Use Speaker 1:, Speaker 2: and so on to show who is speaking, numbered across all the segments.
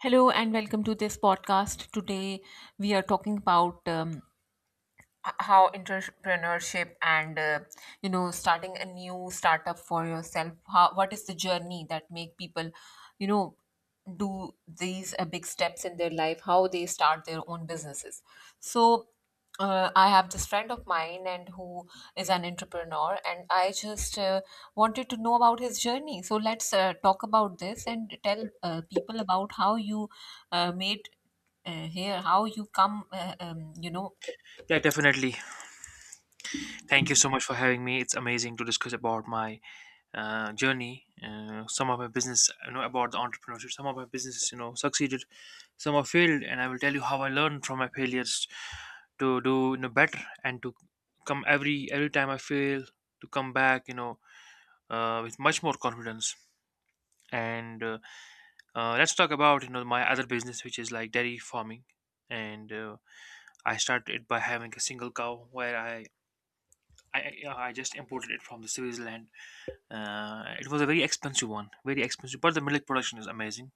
Speaker 1: Hello and welcome to this podcast. Today we are talking about how entrepreneurship and starting a new startup for yourself, how, what is the journey that make people you know do these big steps in their life, how they start their own businesses. So I have this friend of mine and who is an entrepreneur, and I just wanted to know about his journey. So let's talk about this and tell people about how you made here, how you come
Speaker 2: Yeah, definitely. Thank you so much for having me. It's amazing to discuss about my journey. Some of my business, you know, about the entrepreneurship. Some of my businesses, you know, succeeded. Some have failed, and I will tell you how I learned from my failures to do better, and to come every time I fail to come back, with much more confidence. And Let's talk about my other business, which is like dairy farming. And I started by having a single cow where I just imported it from the Switzerland. It was a very expensive one, very expensive, but the milk production is amazing.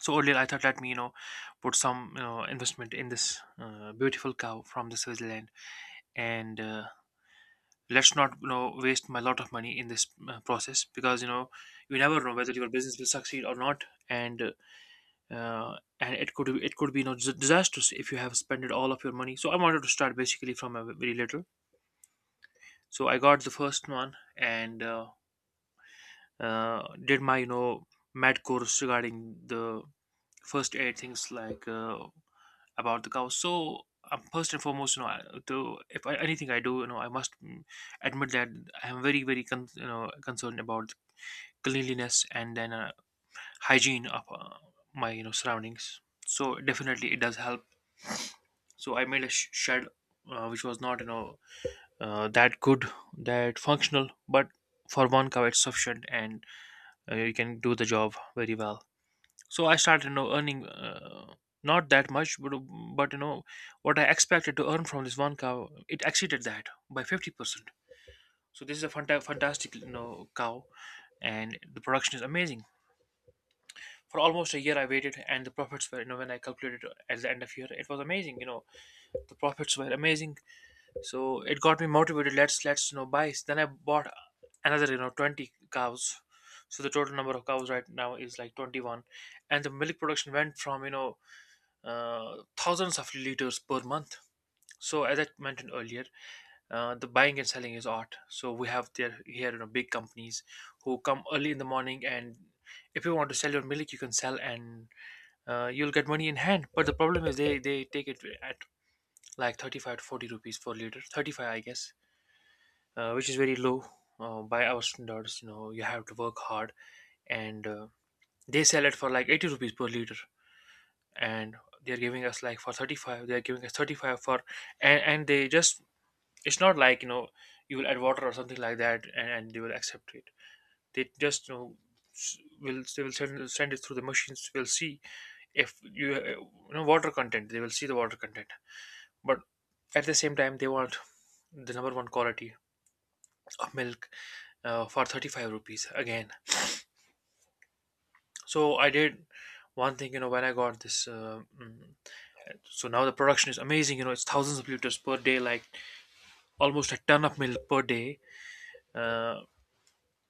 Speaker 2: So earlier I thought, let me put some investment in this beautiful cow from the Switzerland, and let's not waste my lot of money in this process, because you never know whether your business will succeed or not, and uh, and it could be disastrous if you have spent all of your money. So I wanted to start basically from a very little. So I got the first one and, did my med course regarding the first aid things like about the cow. So first and foremost I, to if I, anything I do I must admit that I am very very concerned about cleanliness, and then hygiene of my surroundings. So definitely it does help. So I made a shed, which was not that good, that functional, but for one cow it's sufficient. And you can do the job very well. So I started earning, not that much, but what I expected to earn from this one cow, it exceeded that by 50%. So this is a fantastic cow, and the production is amazing. For almost a year I waited, and the profits were, when I calculated at the end of year, it was amazing, you know. The profits were amazing. So it got me motivated. Let's buy, then I bought another 20 cows. So the total number of cows right now is like 21, and the milk production went from thousands of liters per month. So as I mentioned earlier, the buying and selling is art. So we have there here big companies who come early in the morning, and if you want to sell your milk, you can sell, and you'll get money in hand. But the problem is they take it at like 35 to 40 rupees per liter, 35 I guess, which is very low, by our standards. You know, you have to work hard, and they sell it for like 80 rupees per liter, and they are giving us like for 35. They are giving us 35 for, and they just, it's not like you will add water or something like that, and they will accept it. They just s- will they will send it through the machines. Will see if you you know water content. They will see the water content, but at the same time they want the number one quality of milk, for 35 rupees again. So I did one thing, you know, when I got this. So now the production is amazing. You know, it's thousands of liters per day, like almost a ton of milk per day. Uh,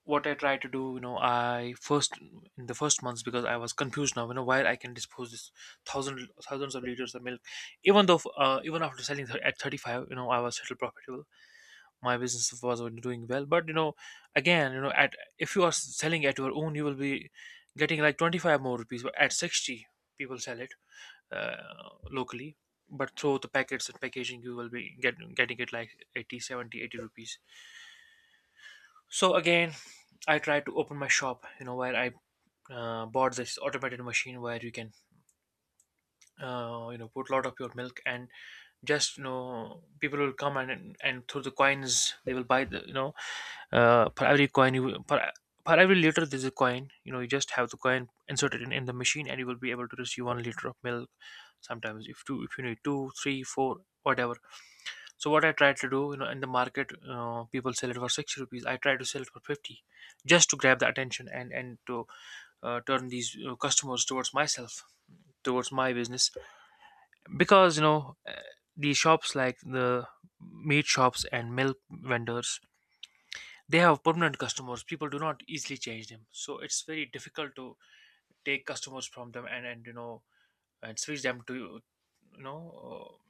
Speaker 2: what I tried to do, you know, I first, in the first months, because I was confused now, you know, why I can dispose this thousands of liters of milk, even though even after selling at 35, you know, I was still profitable. My business was doing well, but again, at, if you are selling at your own, you will be getting like 25 more rupees. But at 60, people sell it locally, but through the packets and packaging you will be getting it like 80, 70, 80 rupees. So again I tried to open my shop, where I bought this automated machine where you can put a lot of your milk. And just people will come and through the coins they will buy the per every coin you, per, per every liter there's a coin, you just have the coin inserted in the machine, and you will be able to receive 1 liter of milk. Sometimes if two, if you need 2, 3, 4, whatever. So what I tried to do, you know, in the market, people sell it for 60 rupees. I try to sell it for 50, just to grab the attention and to turn these customers towards myself, towards my business. Because you know, the shops like the meat shops and milk vendors, they have permanent customers. People do not easily change them, so it's very difficult to take customers from them, and and switch them to know uh,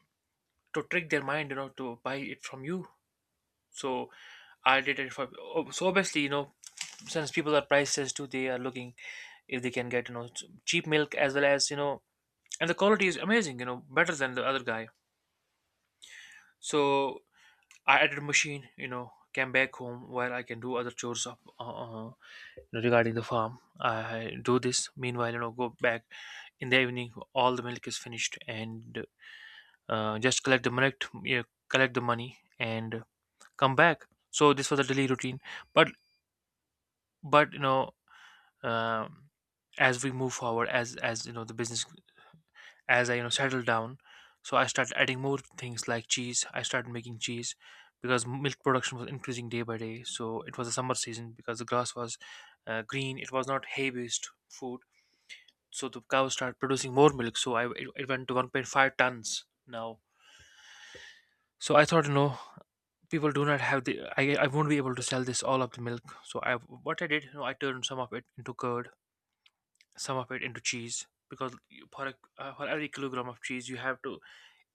Speaker 2: to trick their mind, you know, to buy it from you. So I did it for, oh, so obviously since people are price sensitive too, they are looking if they can get cheap milk, as well as and the quality is amazing, better than the other guy. So I added machine, came back home where I can do other chores of, regarding the farm. I do this, meanwhile, go back in the evening, all the milk is finished, and just collect the money, you know, collect the money and come back. So this was a daily routine, but but um, as we move forward, as the business, as I settle down. So I started adding more things like cheese. I started making cheese because milk production was increasing day by day. So it was a summer season, because the grass was green, it was not hay based food, so the cows started producing more milk. So it went to 1.5 tons now. So I thought people do not have the, I won't be able to sell this all of the milk. So I, what I did, I turned some of it into curd, some of it into cheese, because for every kilogram of cheese, you have to,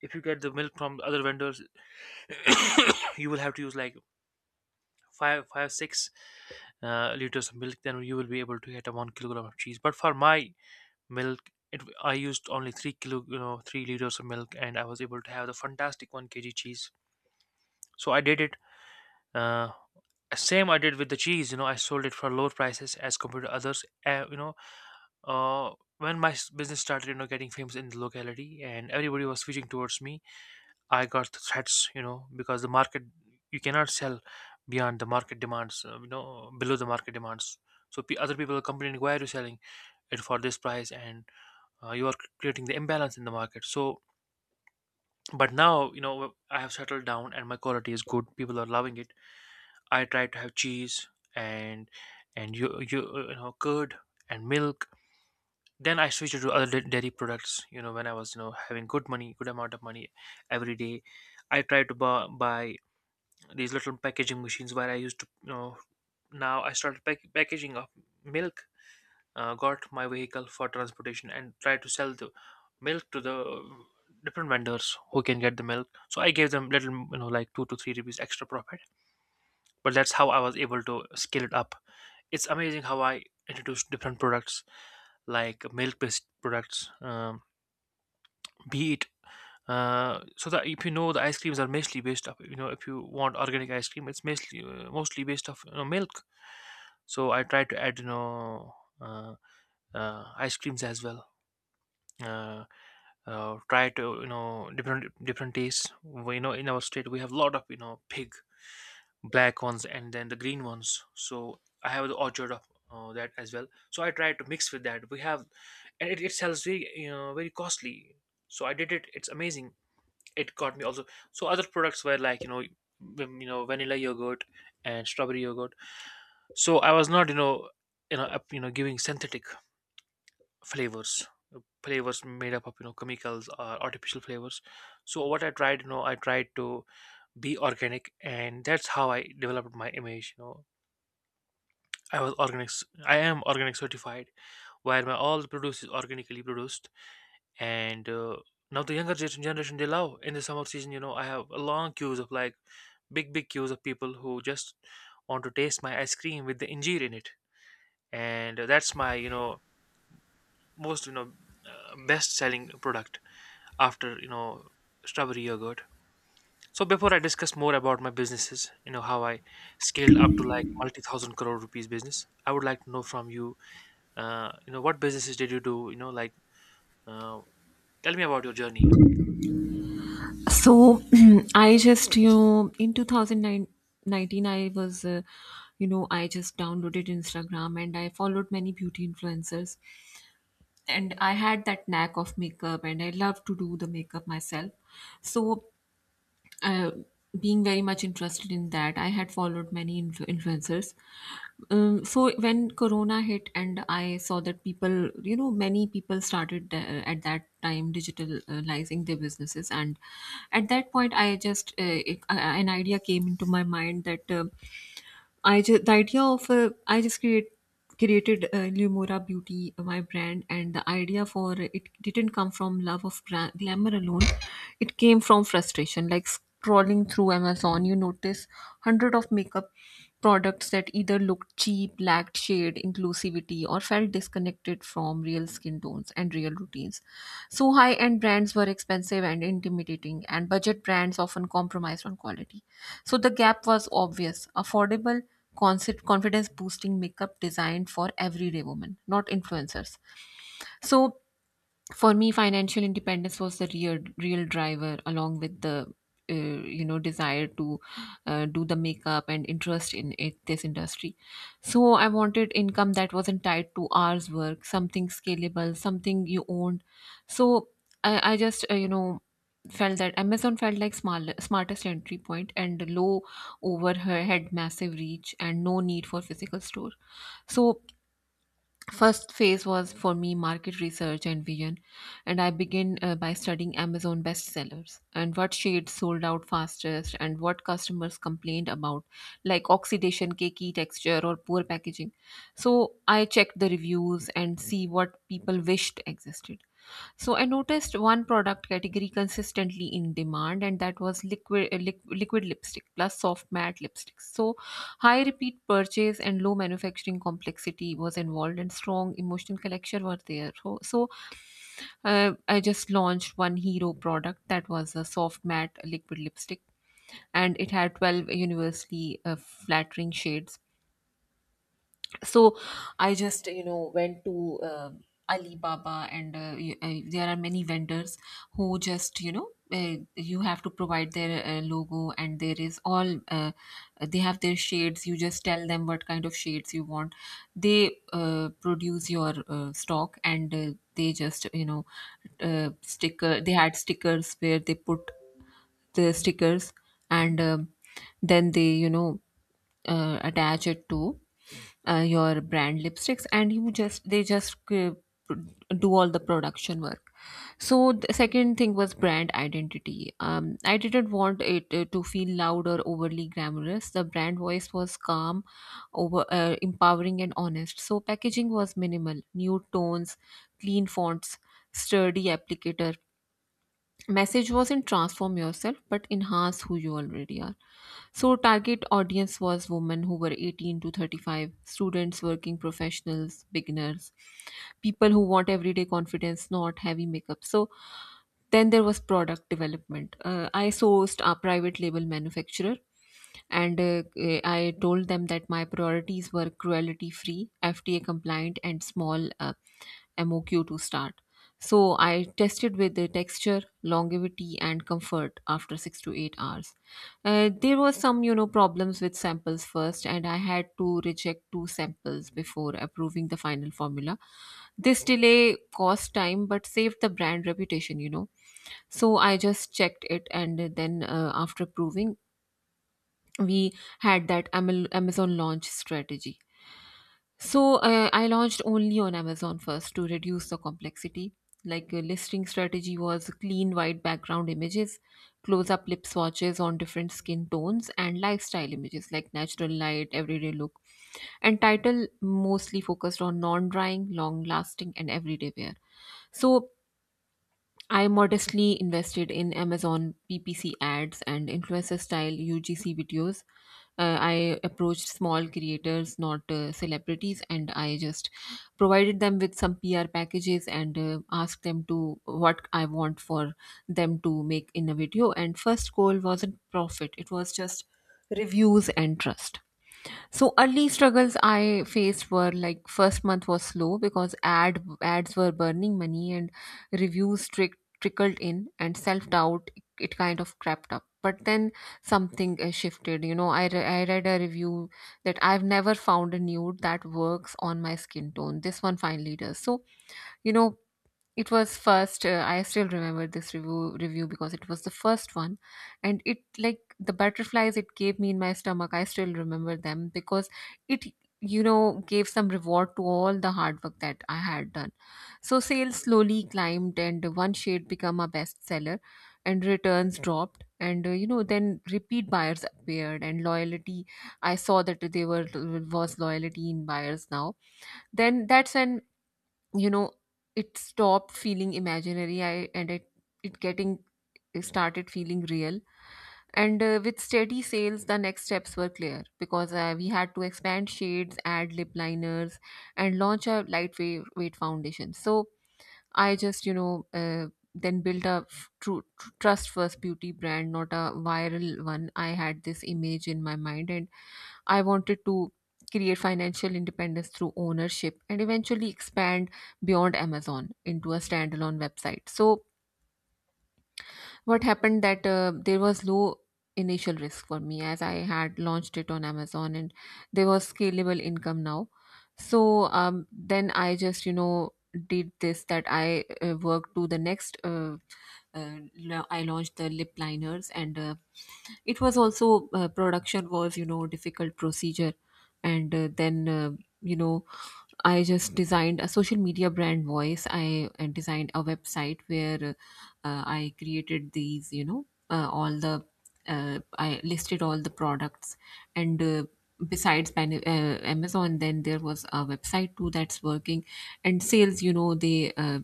Speaker 2: if you get the milk from the other vendors you will have to use like five six liters of milk, then you will be able to get a 1 kilogram of cheese. But for my milk I used only 3 kilo , 3 liters of milk, and I was able to have the fantastic 1 kg cheese. So I did it. uh, Same I did with the cheese, I sold it for lower prices as compared to others Uh, when my business started, you know, getting famous in the locality and everybody was switching towards me, I got the threats, you know, because the market, you cannot sell beyond the market demands, below the market demands. So other people are complaining, why are you selling it for this price? And you are creating the imbalance in the market. So, but now, you know, I have settled down and my quality is good. People are loving it. I try to have cheese and, and curd and milk. Then I switched to other dairy products, when I was having good money, good amount of money every day. I tried to buy these little packaging machines where I used to. Now I started packaging of milk. Got my vehicle for transportation and tried to sell the milk to the different vendors who can get the milk, so I gave them little, like 2 to 3 rupees extra profit. But that's how I was able to scale it up. It's amazing how I introduced different products like milk based products, be it. So that if you know the ice creams are mostly based up. If you want organic ice cream, it's mostly based off, milk. So I try to add, uh, ice creams as well. uh, Try to, different tastes, we, in our state we have a lot of, pig, black ones and then the green ones. So I have the orchard of, that as well, so I try to mix with that we have. And it sells very, very costly. So I did it. It's amazing. It got me also. So other products were like, vanilla yogurt and strawberry yogurt. So I was not, you know you know up, you know giving synthetic flavors, flavors made up of, chemicals or artificial flavors. So what I tried, I tried to be organic, and that's how I developed my image. I was organic. I am organic certified, where my all the produce is organically produced. And now the younger generation, they love. In the summer season, I have a long queues of like big queues of people who just want to taste my ice cream with the injera in it. And that's my, most, best selling product after, strawberry yogurt. So before I discuss more about my businesses, how I scaled up to like multi thousand crore rupees business, I would like to know from you. You know What businesses did you do, uh, tell me about your journey.
Speaker 1: So I just in 2019 I was I just downloaded Instagram and I followed many beauty influencers, and I had that knack of makeup and I love to do the makeup myself. So, uh, being very much interested in that, I had followed many influencers. So when corona hit and I saw that people, many people started at that time digitalizing their businesses, and at that point I just an idea came into my mind that, I just the idea of I just create created Lumora Beauty, my brand, and the idea for it didn't come from love of glamour alone. It came from frustration. Like scrolling through Amazon, you notice hundred of makeup products that either looked cheap, lacked shade inclusivity, or felt disconnected from real skin tones and real routines. So high end brands were expensive and intimidating, and budget brands often compromised on quality. So the gap was obvious: affordable, confidence boosting makeup designed for everyday women, not influencers. So for me, financial independence was the real driver, along with the desire to do the makeup and interest in it, this industry. So I wanted income that wasn't tied to hours work, something scalable, something you owned. So I just you know felt that Amazon felt like small, smartest entry point, and low overhead, massive reach, and no need for physical store. So first phase was for me market research and vision, and I began by studying Amazon bestsellers and what shades sold out fastest and what customers complained about, like oxidation, cakey texture, or poor packaging. So I checked the reviews and see what people wished existed. So I noticed one product category consistently in demand, and that was liquid liquid lipstick plus soft matte lipsticks. So high repeat purchase and low manufacturing complexity was involved, and strong emotional collection were there. So, I just launched one hero product that was a soft matte liquid lipstick, and it had 12 universally flattering shades. So I just went to Alibaba, and there are many vendors who, just you know you have to provide their logo, and there is all they have their shades, you just tell them what kind of shades you want. They produce your stock, and they just you know sticker they had stickers where they put the stickers, and um, then they, attach it to your brand lipsticks, and you just they just do all the production work. So the second thing was brand identity. I didn't want it to feel loud or overly glamorous. The brand voice was calm, over empowering, and honest. So packaging was minimal nude tones, clean fonts, sturdy applicator. Message wasn't transform yourself, but enhance who you already are. So target audience was women who were 18 to 35, students, working professionals, beginners, people who want everyday confidence, not heavy makeup. So then there was product development. I sourced a private label manufacturer, and I told them that my priorities were cruelty free, FDA compliant, and small MOQ to start. So I tested with the texture, longevity, and comfort after 6 to 8 hours. There were some, you know, problems with samples first, and I had to reject two samples before approving the final formula. This delay cost time but saved the brand reputation, you know. So I just checked it, and then after approving, we had that Amazon launch strategy. So I launched only on Amazon first to reduce the complexity. Like a listing strategy was clean white background images, close up lip swatches on different skin tones, and lifestyle images like natural light, everyday look. And title mostly focused on non drying, long lasting, and everyday wear. So I modestly invested in Amazon PPC ads and influencer style UGC videos. I approached small creators, not celebrities, and I just provided them with some PR packages, and asked them to what I want for them to make in a video. And first goal wasn't profit; it was just reviews and trust. So early struggles I faced were like first month was slow because ad ads were burning money, and reviews trick, trickled in, and self doubt, it kind of crept up. But then something shifted. You know, I read a review that I've never found a nude that works on my skin tone. This one finally does. So, you know, it was first. I still remember this review because it was the first one, and it, like the butterflies it gave me in my stomach. I still remember them because it, gave some reward to all the hard work that I had done. So sales slowly climbed, and one shade became a bestseller, and returns dropped, and then repeat buyers appeared, and loyalty. I saw that they were was loyalty in buyers now. Then that's when, you know it stopped feeling imaginary, and it getting it started feeling real. And with steady sales, the next steps were clear, because we had to expand shades, add lip liners, and launch a lightweight weight foundation. So I just you know then built a true trust first beauty brand, not a viral one. I had this image in my mind, and I wanted to create financial independence through ownership and eventually expand beyond Amazon into a standalone website. So what happened that there was low initial risk for me as I had launched it on Amazon, and there was scalable income now. So, then I just, you know, did this that I worked to the next. I launched the lip liners, and it was also production was, you know, difficult procedure. And then you know I just designed a social media brand voice. I designed a website where I created these, you know all the I listed all the products. And besides Amazon, then there was a website too that's working, and sales, you know, they uh,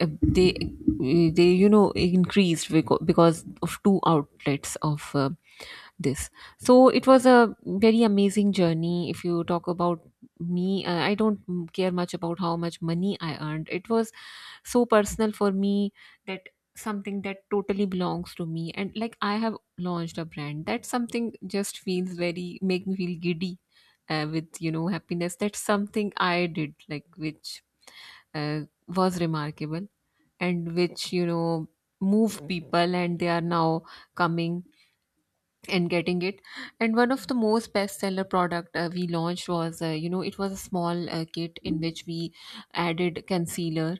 Speaker 1: uh, they uh, they, you know, increased, because of two outlets of this. So it was a very amazing journey. If you talk about me, I don't care much about how much money I earned. It was so personal for me, that something that totally belongs to me, and like, I have launched a brand that something just feels, very make me feel giddy with, you know, happiness. That's something I did, like, which uh, was remarkable, and which, you know, move people, and they are now coming and getting it. And one of the most bestseller product we launched was, it was a small kit in which we added concealer,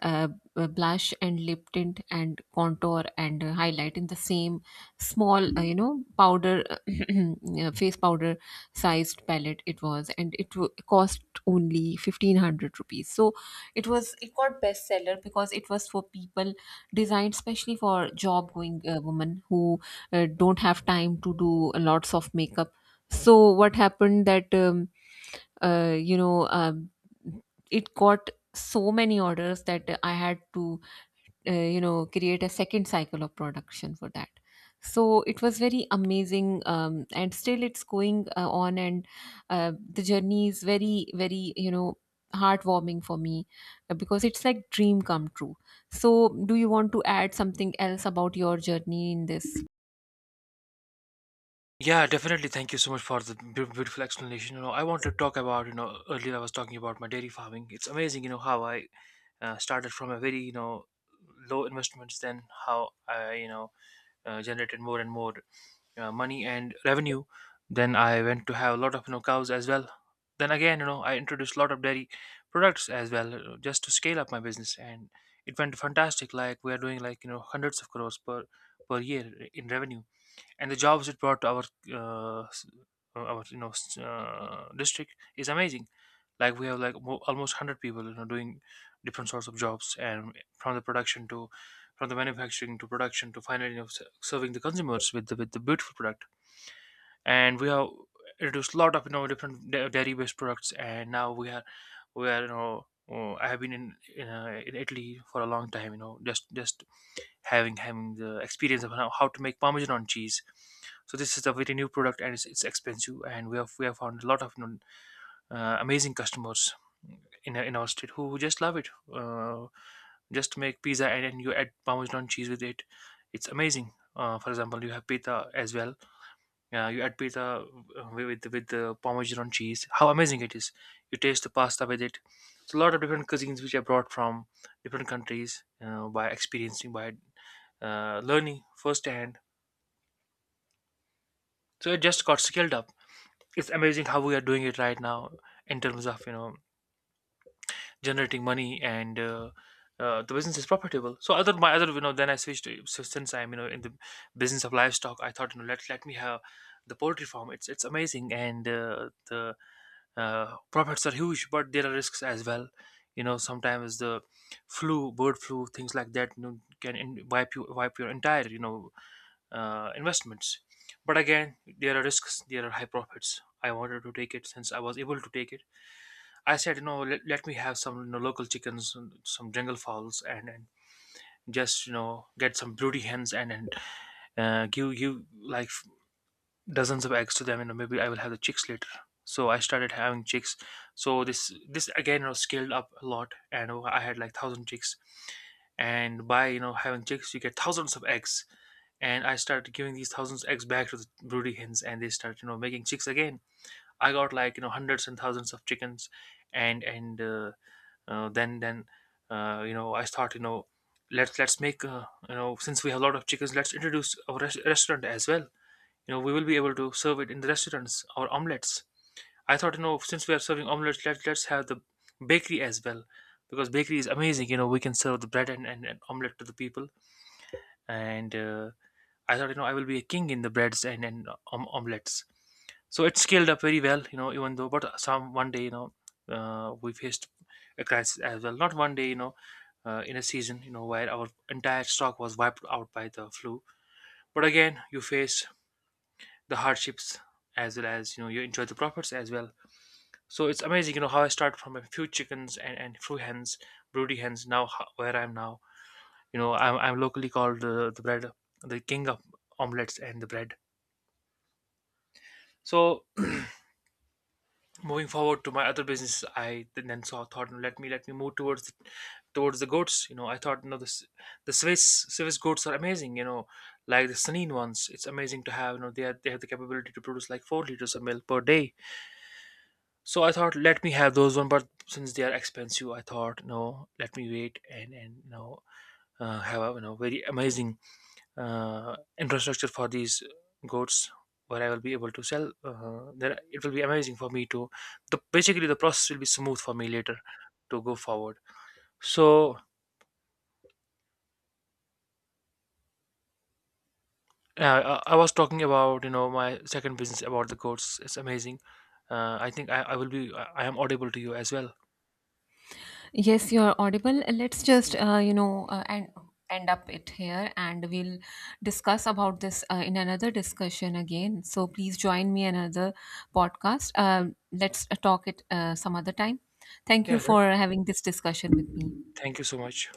Speaker 1: uh, blush, and lip tint, and contour, and highlight in the same small powder face powder sized palette it was, and it cost only 1,500 rupees. So it was, it got bestseller because it was for people designed especially for job going women who don't have time to do lots of makeup. So what happened that, uh, you know um, it got so many orders that I had to, create a second cycle of production for that. So it was very amazing. And still it's going on, and the journey is very, very, you know, heartwarming for me, because it's like dream come true. So, do you want to add something else about your journey in this?
Speaker 2: Yeah, definitely. Thank you so much for the beautiful explanation. I want to talk about, earlier I was talking about my dairy farming. It's amazing, how I started from a very, low investments, then how I, generated more and more money and revenue. Then I went to have a lot of, cows as well. Then again, I introduced a lot of dairy products as well, just to scale up my business, and it went fantastic. Like we are doing like, hundreds of crores per year in revenue, and the jobs it brought to our, uh, s- district is amazing. Like we have like almost 100 people, doing different sorts of jobs, and from the production to, from the manufacturing to production to finally, serving the consumers with the, beautiful product. And we have introduced a lot of, different dairy based products, and now we are, oh, I have been in Italy for a long time, just having the experience of how to make Parmesan cheese. So this is a very new product, and it's expensive, and we have found a lot of, amazing customers in our state who just love it. Just make pizza and then you add Parmesan cheese with it. It's amazing. For example, you have pita as well. Yeah, you add pizza, with the Parmesan cheese. How amazing it is! You taste the pasta with it. So a lot of different cuisines which I brought from different countries, you, by experiencing, by learning firsthand. So it just got scaled up. It's amazing how we are doing it right now in terms of, generating money, and the business is profitable. So other, my other, then I switched so since I'm, in the business of livestock. I thought, let me have the poultry farm. It's amazing. And the profits are huge, but there are risks as well. You know, sometimes the flu, bird flu, things like that, can wipe your entire, investments. But again, there are risks. There are high profits. I wanted to take it since I was able to take it. I said, let me have some, local chickens, and some jungle fowls, and just, get some broody hens, and give like dozens of eggs to them, maybe I will have the chicks later. So I started having chicks. So this again, scaled up a lot, and, I had like 1,000 chicks, and by, having chicks, you get thousands of eggs. And I started giving these thousands of eggs back to the broody hens, and they started, making chicks again. I got, like, hundreds and thousands of chickens. And and uh, uh, then then uh, I thought, let's make, since we have a lot of chickens, let's introduce a restaurant as well. We will be able to serve it in the restaurants or omelets. I thought, since we are serving omelets, let's have the bakery as well. Because bakery is amazing, we can serve the bread and omelet to the people. And I thought, I will be a king in the breads and omelets. So it scaled up very well, even though, but some one day, we faced a crisis as well. Not one day, in a season, where our entire stock was wiped out by the flu. But again, you face the hardships as well as, you enjoy the profits as well. So it's amazing, how I start from a few chickens, and few hens, broody hens, now where I'm now. I'm locally called, the bread, the king of omelets and the bread. So moving forward to my other business, I then saw, thought, "No, let me move towards the goats. I thought, the Swiss goats are amazing, like the Sanin ones. It's amazing to have, they have the capability to produce like 4 liters of milk per day. So I thought, let me have those one, but since they are expensive, I thought, no, let me wait, and, have a, very amazing, infrastructure for these goats, where I will be able to sell. Then it will be amazing for me to. The Basically the process will be smooth for me later to go forward. So, uh, I was talking about, my second business about the goats. It's amazing. I think I will be, I am audible to you as well.
Speaker 1: Yes, you're audible. Let's just, and end up it here, and we'll discuss about this in another discussion again. So please join me another podcast. Let's talk it some other time. Thank you
Speaker 2: Yeah.
Speaker 1: for having this discussion with me.
Speaker 2: Thank you so much.